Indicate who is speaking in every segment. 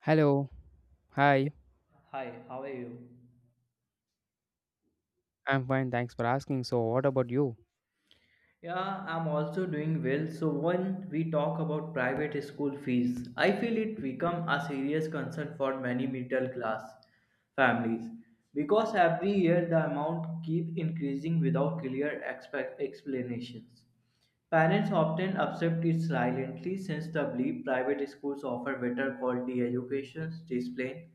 Speaker 1: Hello.
Speaker 2: Yeah.
Speaker 1: Hi.
Speaker 2: Hi, how are you?
Speaker 1: I'm fine. Thanks for asking. So, what about you?
Speaker 2: Yeah, I'm also doing well. So when we talk about private school fees, I feel it become a serious concern for many middle class families because every year the amount keep increasing without clear expect explanations. Parents often accept it silently since they believe private schools offer better quality education, discipline,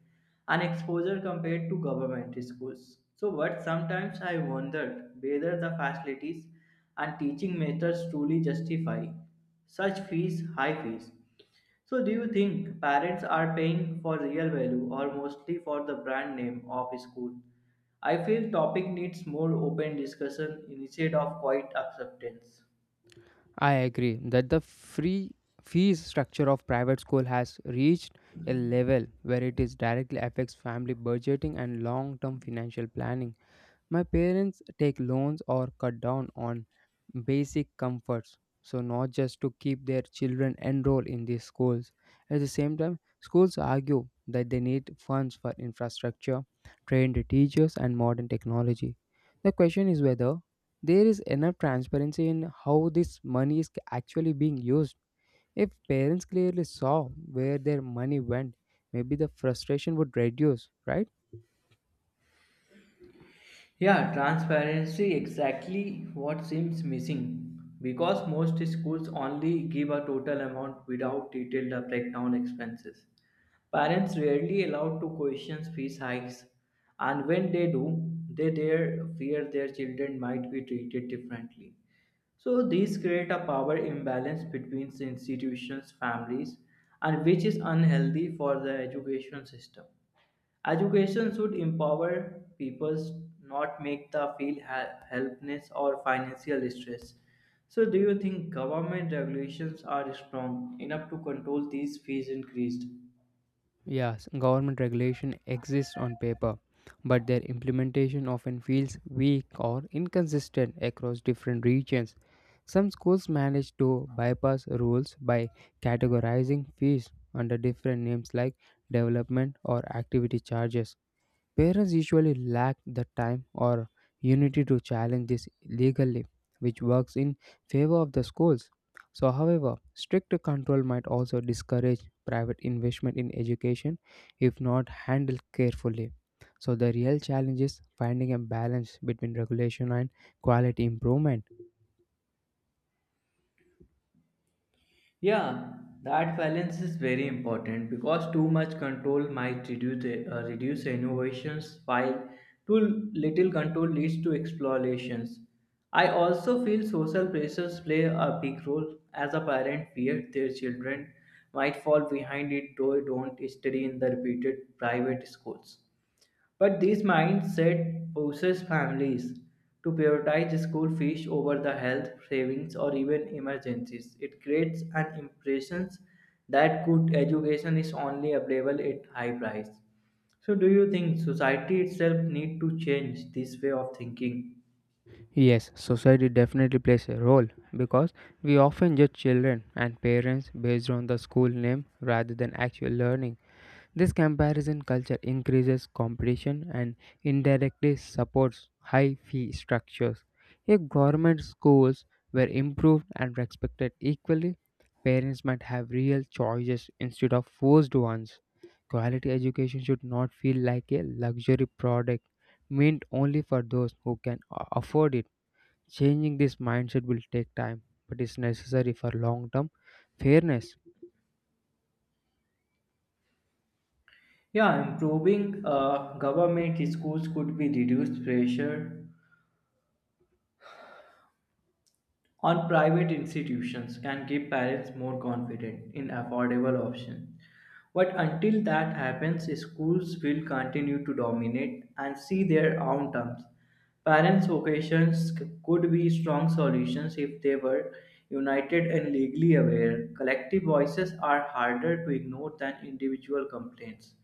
Speaker 2: and exposure compared to government schools. So, but sometimes I wondered whether the facilities and teaching methods truly justify such fees, high fees. So, do you think parents are paying for real value or mostly for the brand name of school? I feel topic needs more open discussion instead of quiet acceptance.
Speaker 1: I agree that the free fees structure of private school has reached a level where it is directly affects family budgeting and long-term financial planning. My parents take loans or cut down on basic comforts. So, not just to keep their children enrolled in these schools. At the same time, schools argue that they need funds for infrastructure, trained teachers, and modern technology. The question is whether there is enough transparency in how this money is actually being used. If parents clearly saw where their money went, maybe the frustration would reduce, right?
Speaker 2: Yeah, transparency exactly what seems missing because most schools only give a total amount without detailed breakdown expenses. Parents rarely allowed to question fees hikes and when they do, they dare fear their children might be treated differently. So these create a power imbalance between institutions, families and which is unhealthy for the education system. Education should empower people, not make them feel helpless or financial stress. So, do you think government regulations are strong enough to control these fees increased?
Speaker 1: Yes, government regulation exists on paper, but their implementation often feels weak or inconsistent across different regions. Some schools manage to bypass rules by categorizing fees under different names like development or activity charges. Parents usually lack the time or unity to challenge this legally, which works in favor of the schools. So, however, strict control might also discourage private investment in education if not handled carefully. So, the real challenge is finding a balance between regulation and quality improvement.
Speaker 2: Yeah, that balance is very important because too much control might reduce, reduce innovations while too little control leads to explorations. I also feel social pressures play a big role as a parent fear their children might fall behind if they don't study in the reputed private schools. But this mindset forces families to prioritize school fees over the health savings or even emergencies. It creates an impression that good education is only available at high price. So do you think society itself need to change this way of thinking?
Speaker 1: Yes, society definitely plays a role because we often judge children and parents based on the school name rather than actual learning. This comparison culture increases competition and indirectly supports high fee structures. If government schools were improved and respected equally, parents might have real choices instead of forced ones. Quality education should not feel like a luxury product meant only for those who can afford it. Changing this mindset will take time, but is necessary for long term fairness.
Speaker 2: Yeah, improving government schools could be reduced pressure on private institutions can give parents more confidence in affordable options. But until that happens, schools will continue to dominate and see their own terms. Parents' vocations could be strong solutions if they were united and legally aware. Collective voices are harder to ignore than individual complaints.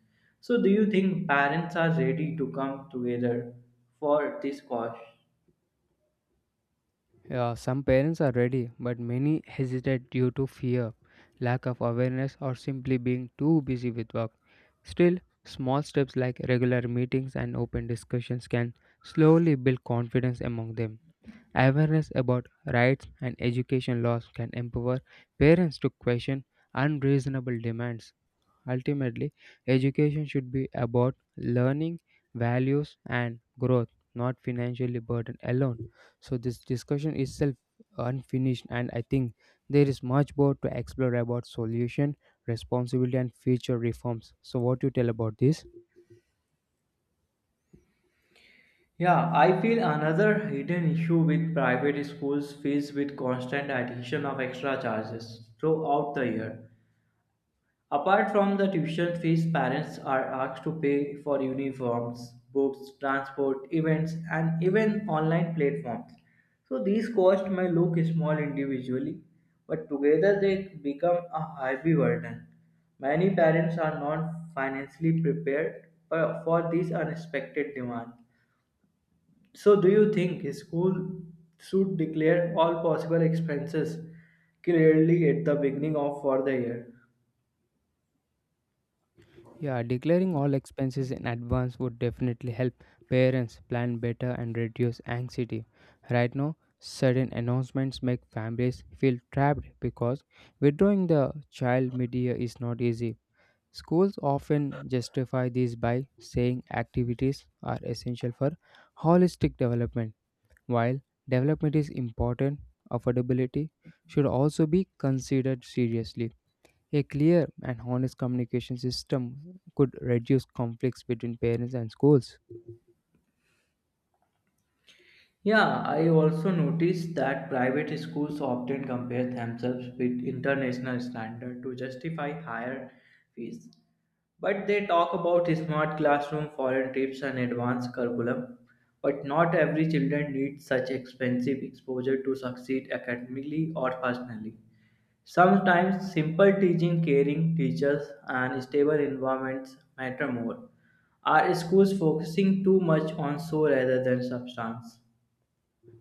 Speaker 2: So, do you think parents are ready to come together for this cause?
Speaker 1: Yeah, some parents are ready, but many hesitate due to fear, lack of awareness, or simply being too busy with work. Still, small steps like regular meetings and open discussions can slowly build confidence among them. Awareness about rights and education laws can empower parents to question unreasonable demands. Ultimately, education should be about learning, values, and growth, not financially burden alone. So, this discussion itself unfinished, and I think there is much more to explore about solution, responsibility, and future reforms. So, what you tell about this?
Speaker 2: Yeah, I feel another hidden issue with private schools fees with constant addition of extra charges throughout the year. Apart from the tuition fees, parents are asked to pay for uniforms, books, transport, events, and even online platforms. So these costs may look small individually, but together they become a heavy burden. Many parents are not financially prepared for these unexpected demands. So, do you think school should declare all possible expenses clearly at the beginning of for the year?
Speaker 1: Yeah, declaring all expenses in advance would definitely help parents plan better and reduce anxiety. Right now, sudden announcements make families feel trapped because withdrawing the child media is not easy. Schools often justify this by saying activities are essential for holistic development. While development is important, affordability should also be considered seriously. A clear and honest communication system could reduce conflicts between parents and schools.
Speaker 2: Yeah, I also noticed that private schools often compare themselves with international standard to justify higher fees. But they talk about smart classroom, foreign trips and advanced curriculum. But not every children needs such expensive exposure to succeed academically or personally. Sometimes simple teaching, caring teachers and stable environments matter more. Are schools focusing too much on show rather than substance?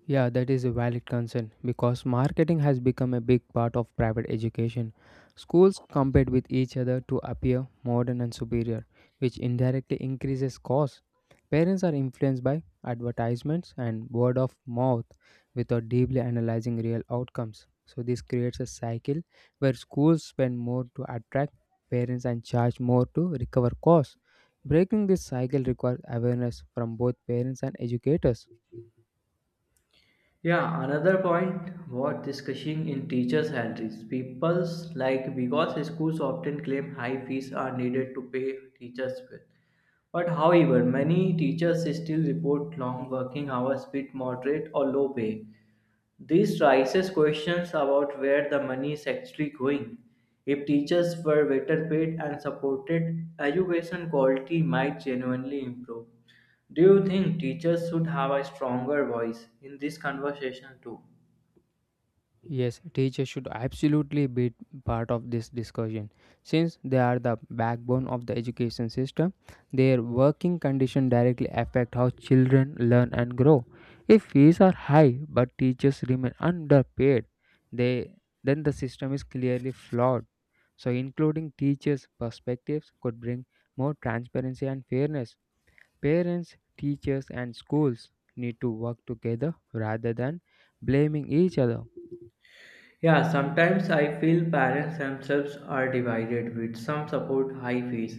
Speaker 1: Yeah, that is a valid concern because marketing has become a big part of private education. Schools compete with each other to appear modern and superior, which indirectly increases costs. Parents are influenced by advertisements and word of mouth without deeply analyzing real outcomes. So, this creates a cycle where schools spend more to attract parents and charge more to recover costs. Breaking this cycle requires awareness from both parents and educators.
Speaker 2: Yeah, another point worth discussing in teacher salaries. People's like because schools often claim high fees are needed to pay teachers well. But however, many teachers still report long working hours with moderate or low pay. This raises questions about where the money is actually going. If teachers were better paid and supported, education quality might genuinely improve. Do you think teachers should have a stronger voice in this conversation too?
Speaker 1: Yes, teachers should absolutely be part of this discussion. Since they are the backbone of the education system, their working condition directly affect how children learn and grow. If fees are high but teachers remain underpaid, they then the system is clearly flawed. So including teachers' perspectives could bring more transparency and fairness. Parents, teachers and schools need to work together rather than blaming each other.
Speaker 2: Yeah, sometimes I feel parents themselves are divided with some support high fees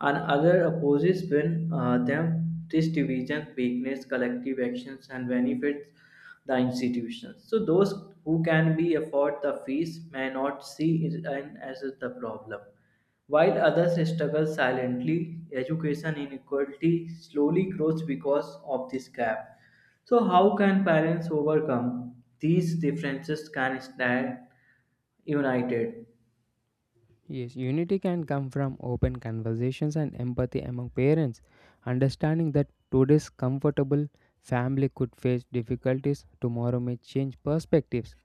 Speaker 2: and other opposes when them this division weakness collective actions and benefits the institutions. So those who can be afford the fees may not see it as the problem. While others struggle silently, education inequality slowly grows because of this gap. So, how can parents overcome these differences can stand united?
Speaker 1: Yes, unity can come from open conversations and empathy among parents, understanding that today's comfortable family could face difficulties, tomorrow may change perspectives.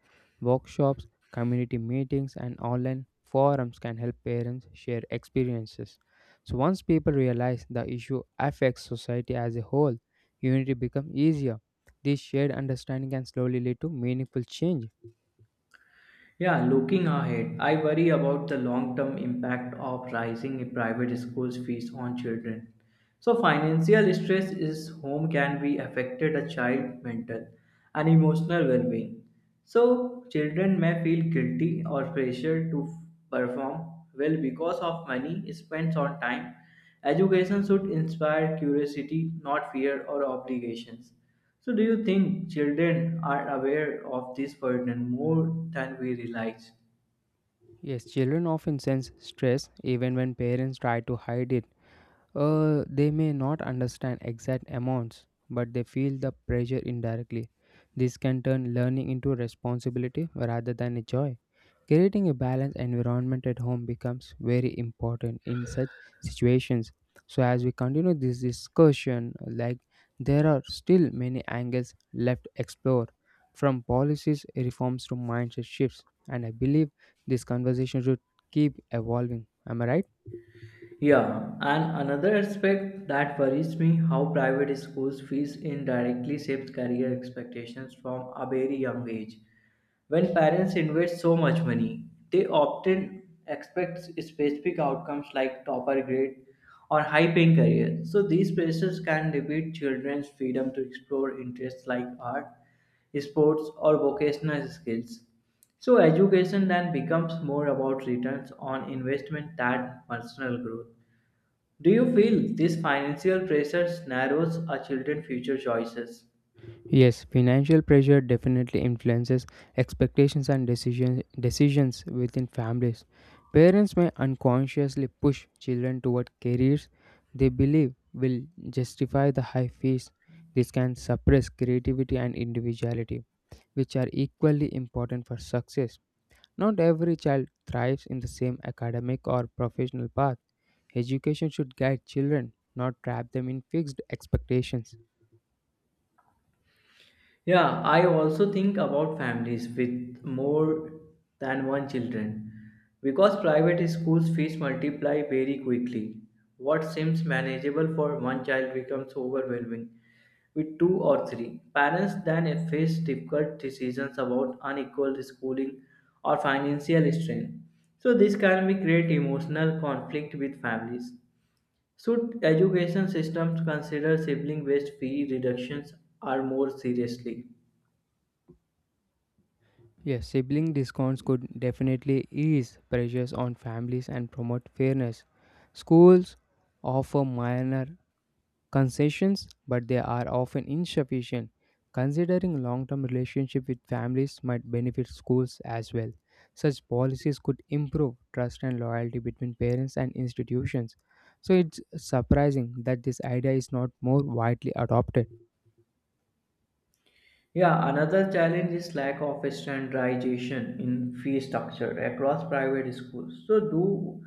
Speaker 1: Workshops, community meetings, and online forums can help parents share experiences. So, once people realize the issue affects society as a whole, unity becomes easier. This shared understanding can slowly lead to meaningful change.
Speaker 2: Yeah, looking ahead, I worry about the long term impact of rising private schools fees on children. So, financial stress is home can be affected a child mental and emotional well being. So, children may feel guilty or pressured to perform well because of money spent on time. Education should inspire curiosity, not fear or obligations. So, do you think children are aware of this burden more than we realize?
Speaker 1: Yes, children often sense stress even when parents try to hide it. They may not understand exact amounts, but they feel the pressure indirectly. This can turn learning into a responsibility rather than a joy. Creating a balanced environment at home becomes very important in such situations. So, as we continue this discussion, like there are still many angles left explored, from policies reforms to mindset shifts, and I believe this conversation should keep evolving. Am I right?
Speaker 2: Yeah, and another aspect that worries me how private schools fees indirectly shapes career expectations from a very young age. When parents invest so much money, they often expect specific outcomes like topper grade or high paying career. So these pressures can limit children's freedom to explore interests like art, sports or vocational skills. So education then becomes more about returns on investment than personal growth. Do you feel these financial pressures narrows our children's future choices?
Speaker 1: Yes, financial pressure definitely influences expectations and decisions within families. Parents may unconsciously push children toward careers they believe will justify the high fees. This can suppress creativity and individuality, which are equally important for success. Not every child thrives in the same academic or professional path. Education should guide children, not trap them in fixed expectations.
Speaker 2: Yeah, I also think about families with more than one children because private schools fees multiply very quickly. What seems manageable for one child becomes overwhelming with two or three. Parents then face difficult decisions about unequal schooling or financial strain. So this can be create emotional conflict with families. Should education systems consider sibling based fee reductions or more seriously?
Speaker 1: Yes, sibling discounts could definitely ease pressures on families and promote fairness. Schools offer minor concessions, but they are often insufficient. Considering long-term relationship with families might benefit schools as well. Such policies could improve trust and loyalty between parents and institutions. So it's surprising that this idea is not more widely adopted.
Speaker 2: Yeah, another challenge is lack of standardization in fee structure across private schools. So do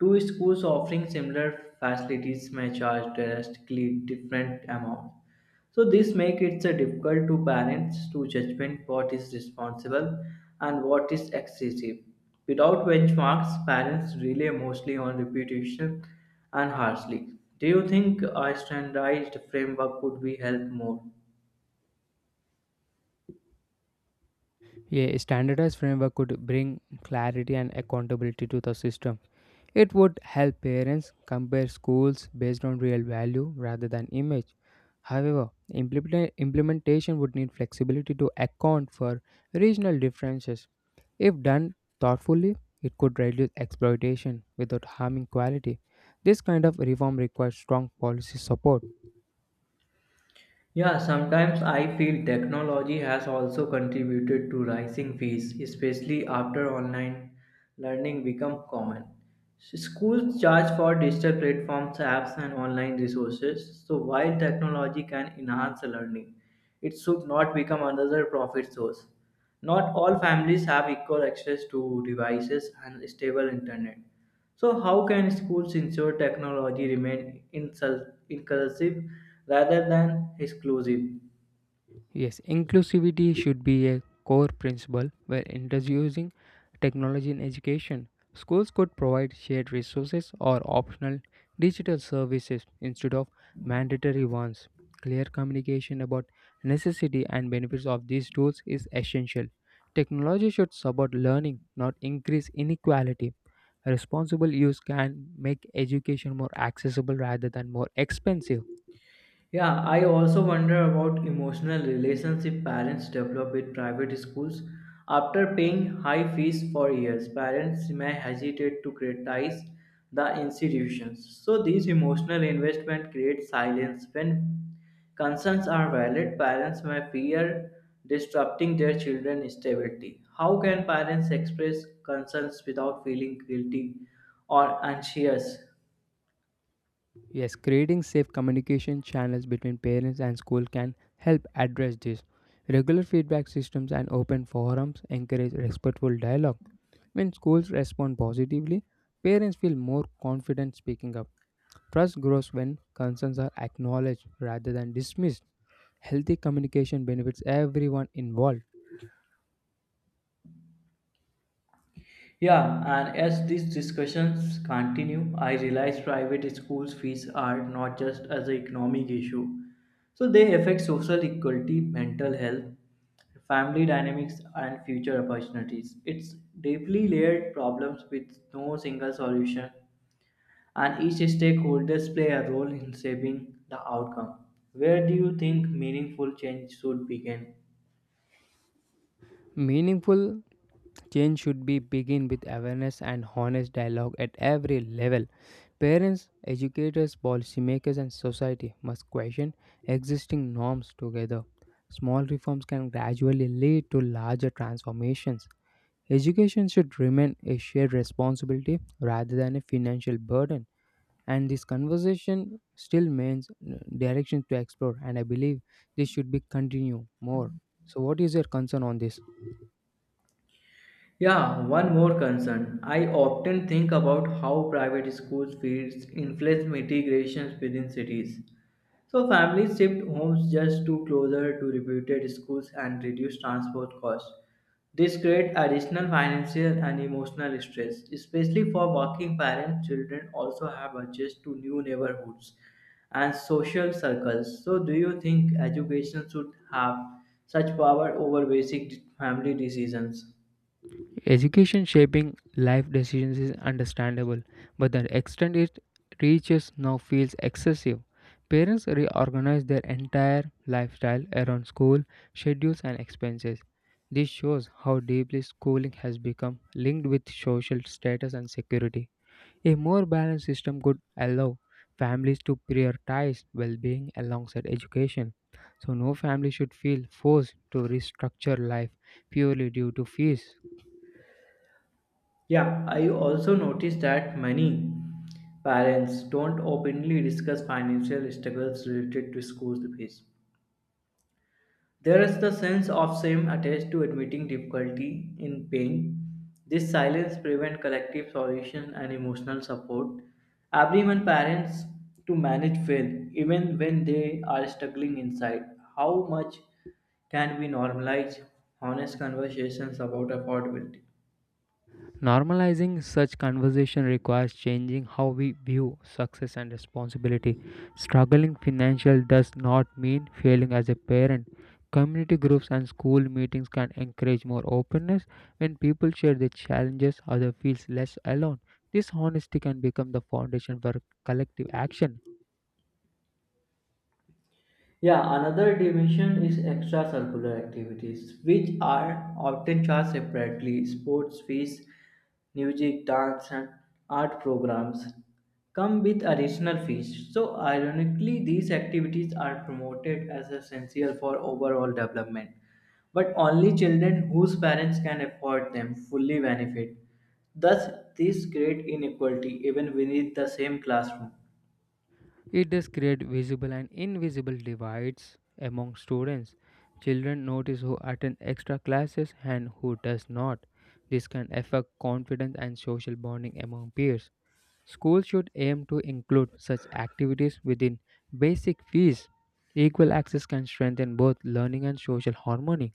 Speaker 2: two schools offering similar facilities may charge drastically different amounts. So this makes it so difficult to parents to judgment what is responsible and what is excessive. Without benchmarks, parents rely mostly on repetition and harshly. Do you think a standardized framework would be help more?
Speaker 1: A standardized framework could bring clarity and accountability to the system. It would help parents compare schools based on real value rather than image. However, implementation would need flexibility to account for regional differences. If done thoughtfully, it could reduce exploitation without harming quality. This kind of reform requires strong policy support.
Speaker 2: Yeah, sometimes I feel technology has also contributed to rising fees, especially after online learning become common. Schools charge for digital platforms, apps, and online resources. So while technology can enhance learning, it should not become another profit source. Not all families have equal access to devices and stable internet. So, how can schools ensure technology remain inclusive rather than exclusive?
Speaker 1: Yes, inclusivity should be a core principle when introducing technology in education. Schools could provide shared resources or optional digital services instead of mandatory ones. Clear communication about necessity and benefits of these tools is essential. Technology should support learning, not increase inequality. Responsible use can make education more accessible rather than more expensive.
Speaker 2: Yeah, I also wonder about emotional relationship parents develop with private schools. After paying high fees for years, parents may hesitate to criticize the institutions. So these emotional investment create silence. When concerns are valid, parents may fear disrupting their children's stability. How can parents express concerns without feeling guilty or anxious?
Speaker 1: Yes, creating safe communication channels between parents and school can help address this. Regular feedback systems and open forums encourage respectful dialogue. When schools respond positively, parents feel more confident speaking up. Trust grows when concerns are acknowledged rather than dismissed. Healthy communication benefits everyone involved.
Speaker 2: Yeah, and as these discussions continue, I realize private schools' fees are not just as an economic issue. So they affect social equality, mental health, family dynamics, and future opportunities. It's deeply layered problems with no single solution, and each stakeholders play a role in shaping the outcome. Where do you think meaningful change should begin?
Speaker 1: Meaningful change should be begin with awareness and honest dialogue at every level. Parents, educators, policymakers, and society must question existing norms together. Small reforms can gradually lead to larger transformations. Education should remain a shared responsibility rather than a financial burden. And this conversation still remains directions to explore, and I believe this should be continued more. So, what is your concern on this?
Speaker 2: Yeah, one more concern. I often think about how private schools fees influence migrations within cities. So families shift homes just to closer to reputed schools and reduce transport costs. This creates additional financial and emotional stress, especially for working parents. Children also have access to new neighborhoods and social circles. So, do you think education should have such power over basic family decisions?
Speaker 1: Education shaping life decisions is understandable, but the extent it reaches now feels excessive. Parents reorganize their entire lifestyle around school, schedules, and expenses. This shows how deeply schooling has become linked with social status and security. A more balanced system could allow families to prioritize well being alongside education. So, no family should feel forced to restructure life purely due to fees.
Speaker 2: Yeah, I also noticed that many parents don't openly discuss financial struggles related to school fees. There is the sense of shame attached to admitting difficulty in paying. This silence prevents collective solution and emotional support. Everyone parents to manage well, even when they are struggling inside. How much can we normalize honest conversations about affordability?
Speaker 1: Normalizing such conversation requires changing how we view success and responsibility. Struggling financially does not mean failing as a parent. Community groups and school meetings can encourage more openness when people share their challenges other feels less alone. This honesty can become the foundation for collective action.
Speaker 2: Yeah, another dimension is extracurricular activities, which are often charged separately. Sports fees, music, dance, and art programs come with additional fees. So, ironically, these activities are promoted as essential for overall development, but only children whose parents can afford them fully benefit. Thus, this creates inequality even within the same classroom.
Speaker 1: It does create visible and invisible divides among students. Children notice who attend extra classes and who does not. This can affect confidence and social bonding among peers. Schools should aim to include such activities within basic fees. Equal access can strengthen both learning and social harmony.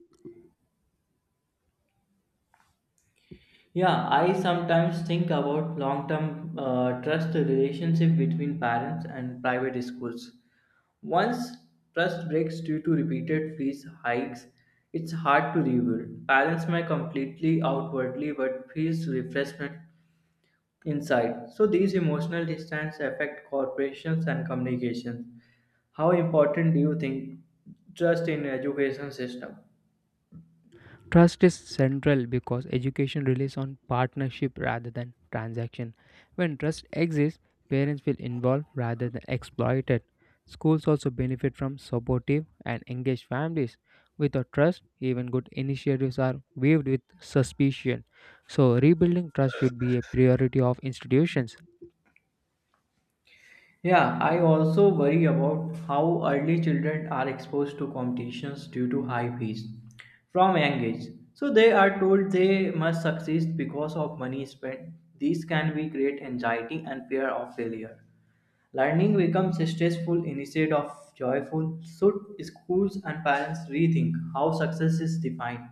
Speaker 2: Yeah, I sometimes think about long term trust relationship between parents and private schools. Once trust breaks due to repeated fees hikes, it's hard to rebuild. Parents may completely outwardly but feels refreshment inside. So these emotional distance affect corporations and communications. How important do you think trust in education system?
Speaker 1: Trust is central because education relies on partnership rather than transaction. When trust exists, parents feel involved rather than exploited. Schools also benefit from supportive and engaged families. Without trust, even good initiatives are viewed with suspicion. So, rebuilding trust should be a priority of institutions.
Speaker 2: Yeah, I also worry about how early children are exposed to competitions due to high fees from young age. So they are told they must succeed because of money spent. These can be create anxiety and fear of failure. Learning becomes stressful instead of joyful. Should schools and parents rethink how success is defined?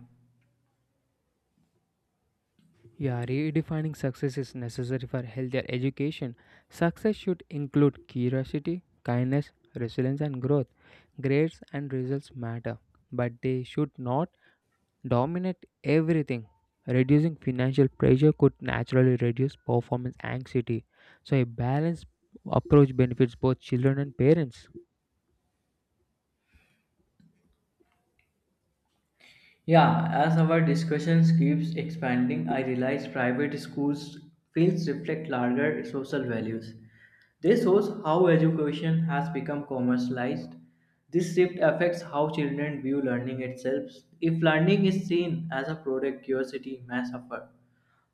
Speaker 1: Yeah, redefining success is necessary for healthier education. Success should include curiosity, kindness, resilience, and growth. Grades and results matter, but they should not dominate everything. Reducing financial pressure could naturally reduce performance anxiety. So, a balanced approach benefits both children and parents.
Speaker 2: Yeah, as our discussions keeps expanding, I realize private schools fields reflect larger social values. This shows how education has become commercialized. This shift affects how children view learning itself. If learning is seen as a product, curiosity may suffer.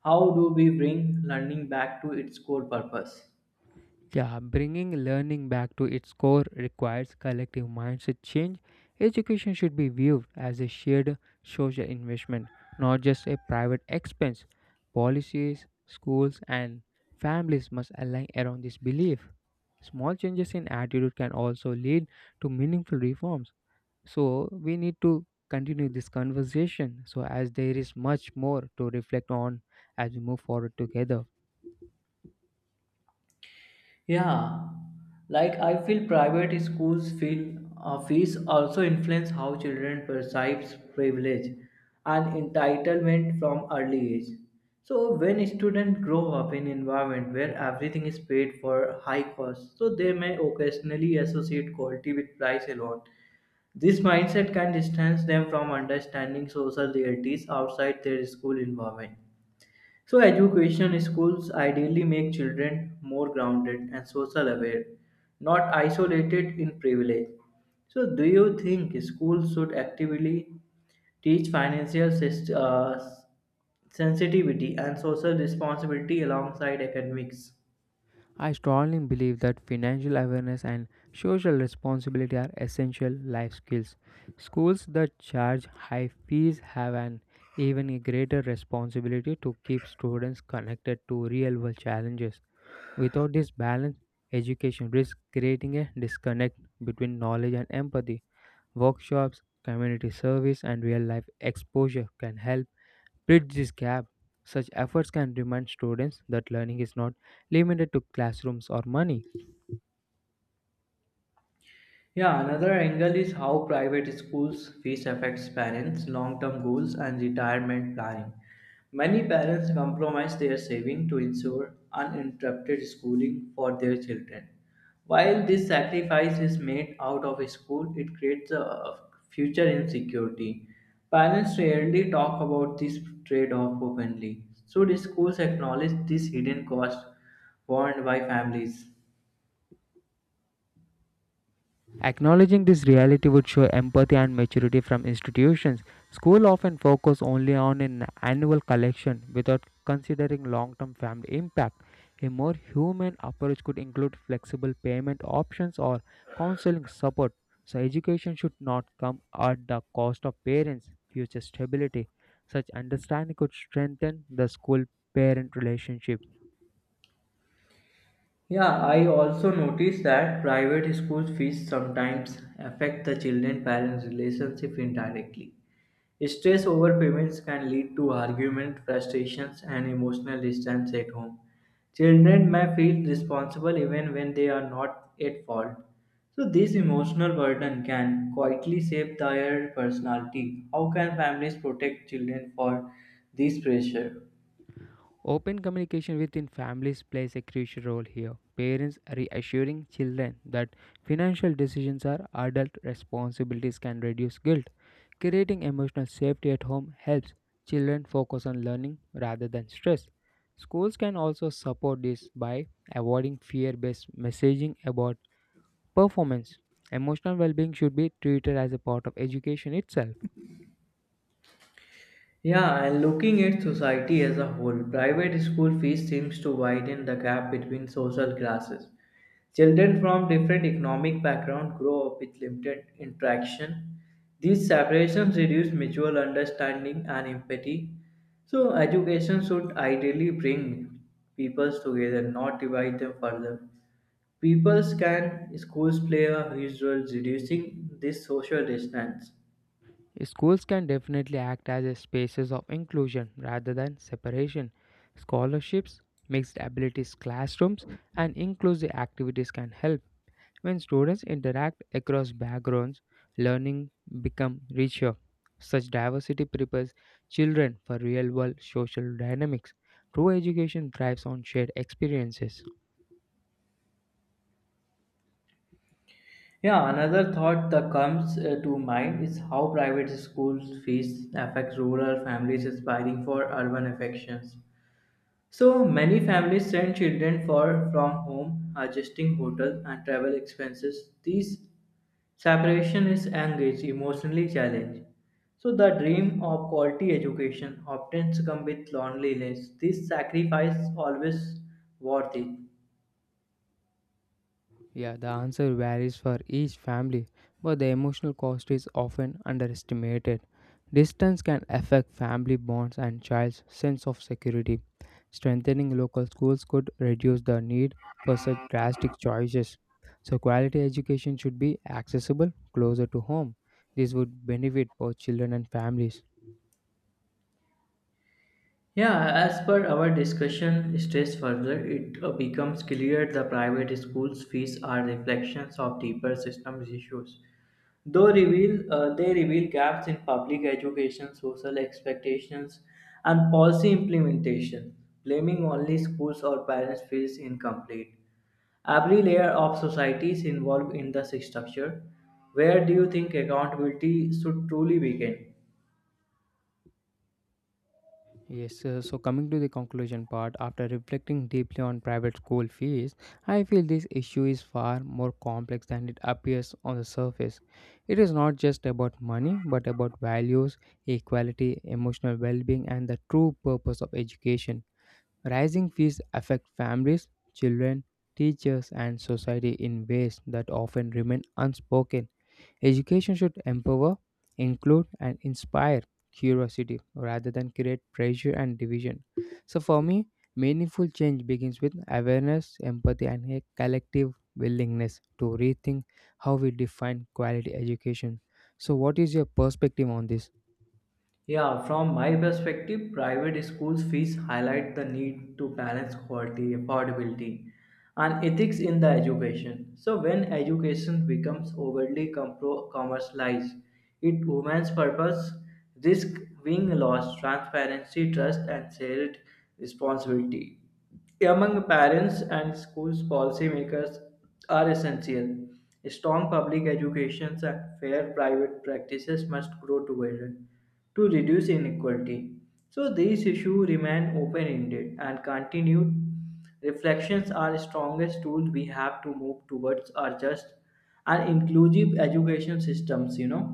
Speaker 2: How do we bring learning back to its core purpose?
Speaker 1: Yeah, bringing learning back to its core requires collective mindset change. Education should be viewed as a shared social investment, not just a private expense. Policies, schools, and families must align around this belief. Small changes in attitude can also lead to meaningful reforms. So, we need to continue this conversation so as there is much more to reflect on as we move forward together.
Speaker 2: Yeah, like I feel private schools feel fees also influence how children perceives privilege and entitlement from early age. So when students grow up in environment where everything is paid for high cost, so they may occasionally associate quality with price alone. This mindset can distance them from understanding social realities outside their school environment. So, education schools ideally make children more grounded and social aware, not isolated in privilege. So, do you think schools should actively teach financial sensitivity and social responsibility alongside academics?
Speaker 1: I strongly believe that financial awareness and social responsibility are essential life skills. Schools that charge high fees have an even a greater responsibility to keep students connected to real world challenges. Without this balance, education risks creating a disconnect between knowledge and empathy. Workshops, community service, and real life exposure can help bridge this gap. Such efforts can remind students that learning is not limited to classrooms or money.
Speaker 2: Yeah, another angle is how private schools fees affects parents' long-term goals and retirement planning. Many parents compromise their saving to ensure uninterrupted schooling for their children. While this sacrifice is made out of school, it creates a future insecurity. Parents rarely talk about this trade-off openly. Should schools acknowledge this hidden cost borne by families?
Speaker 1: Acknowledging this reality would show empathy and maturity from institutions. School often focus only on an annual collection without considering long-term family impact. A more human approach could include flexible payment options or counseling support. So education should not come at the cost of parents' future stability. Such understanding could strengthen the school-parent relationship.
Speaker 2: Yeah, I also noticed that private school fees sometimes affect the children parents relationship indirectly. Stress over payments can lead to argument, frustrations and emotional distance at home. Children may feel responsible even when they are not at fault. So this emotional burden can quietly shape their personality. How can families protect children for this pressure?
Speaker 1: Open communication within families plays a crucial role here. Parents reassuring children that financial decisions are adult responsibilities can reduce guilt. Creating emotional safety at home helps children focus on learning rather than stress. Schools can also support this by avoiding fear based messaging about performance. Emotional well being should be treated as a part of education itself.
Speaker 2: Yeah, and looking at society as a whole, private school fees seems to widen the gap between social classes. Children from different economic background grow up with limited interaction. These separations reduce mutual understanding and empathy. So education should ideally bring peoples together, not divide them further. Peoples can schools play a huge role reducing this social distance.
Speaker 1: Schools can definitely act as a spaces of inclusion rather than separation. Scholarships, mixed abilities classrooms, and inclusive activities can help. When students interact across backgrounds, learning become richer. Such diversity prepares children for real-world social dynamics. True education thrives on shared experiences.
Speaker 2: Yeah, another thought that comes to mind is how private school fees affect rural families aspiring for urban affections. So many families send children for from home, adjusting hotel and travel expenses. These separation is engaged, emotionally challenged. So the dream of quality education often comes with loneliness. This sacrifice always worth it.
Speaker 1: Yeah, the answer varies for each family, but the emotional cost is often underestimated. Distance can affect family bonds and child's sense of security. Strengthening local schools could reduce the need for such drastic choices. So, quality education should be accessible closer to home. This would benefit both children and families.
Speaker 2: Yeah, as per our discussion states further, it becomes clear the private schools' fees are reflections of deeper systems issues. Though reveal, they reveal gaps in public education, social expectations, and policy implementation. Blaming only schools or parents feels incomplete. Every layer of society is involved in the structure. Where do you think accountability should truly begin?
Speaker 1: Yes, so coming to the conclusion part, after reflecting deeply on private school fees, I feel this issue is far more complex than it appears on the surface. It is not just about money, but about values, equality, emotional well being, and the true purpose of education. Rising fees affect families, children, teachers, and society in ways that often remain unspoken. Education should empower, include, and inspire curiosity rather than create pressure and division. So, for me, meaningful change begins with awareness, empathy, and a collective willingness to rethink how we define quality education. So, what is your perspective on this?
Speaker 2: Yeah, from my perspective, private schools' fees highlight the need to balance quality, affordability, and ethics in the education. So, when education becomes overly commercialized, it women's purpose, risk being lost, transparency, trust, and shared responsibility among parents and schools policymakers are essential strong public educations and fair private practices must grow together to reduce inequality so these issues remain open-ended and continued reflections are the strongest tool we have to move towards our just and inclusive education systems.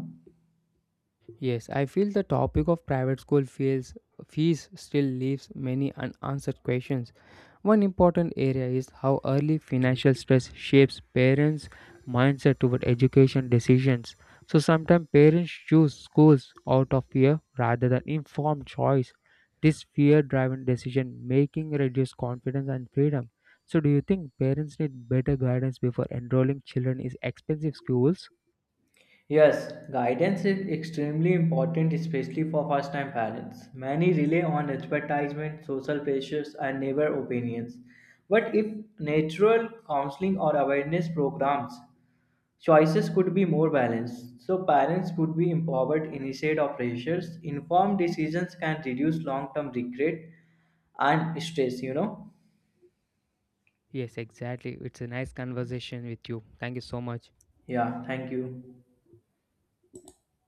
Speaker 1: Yes, I feel the topic of private school fees still leaves many unanswered questions. One important area is how early financial stress shapes parents' mindset toward education decisions. So sometimes parents choose schools out of fear rather than informed choice. This fear driven decision making reduces confidence and freedom. So, do you think parents need better guidance before enrolling children in expensive schools?
Speaker 2: Yes, guidance is extremely important, especially for first time parents. Many rely on advertisement, social pressures, and neighbor opinions. But if natural counseling or awareness programs, choices could be more balanced. So parents could be empowered instead of pressures. Informed decisions can reduce long term regret and stress.
Speaker 1: Yes, exactly. It's a nice conversation with you. Thank you so much.
Speaker 2: Yeah, thank you.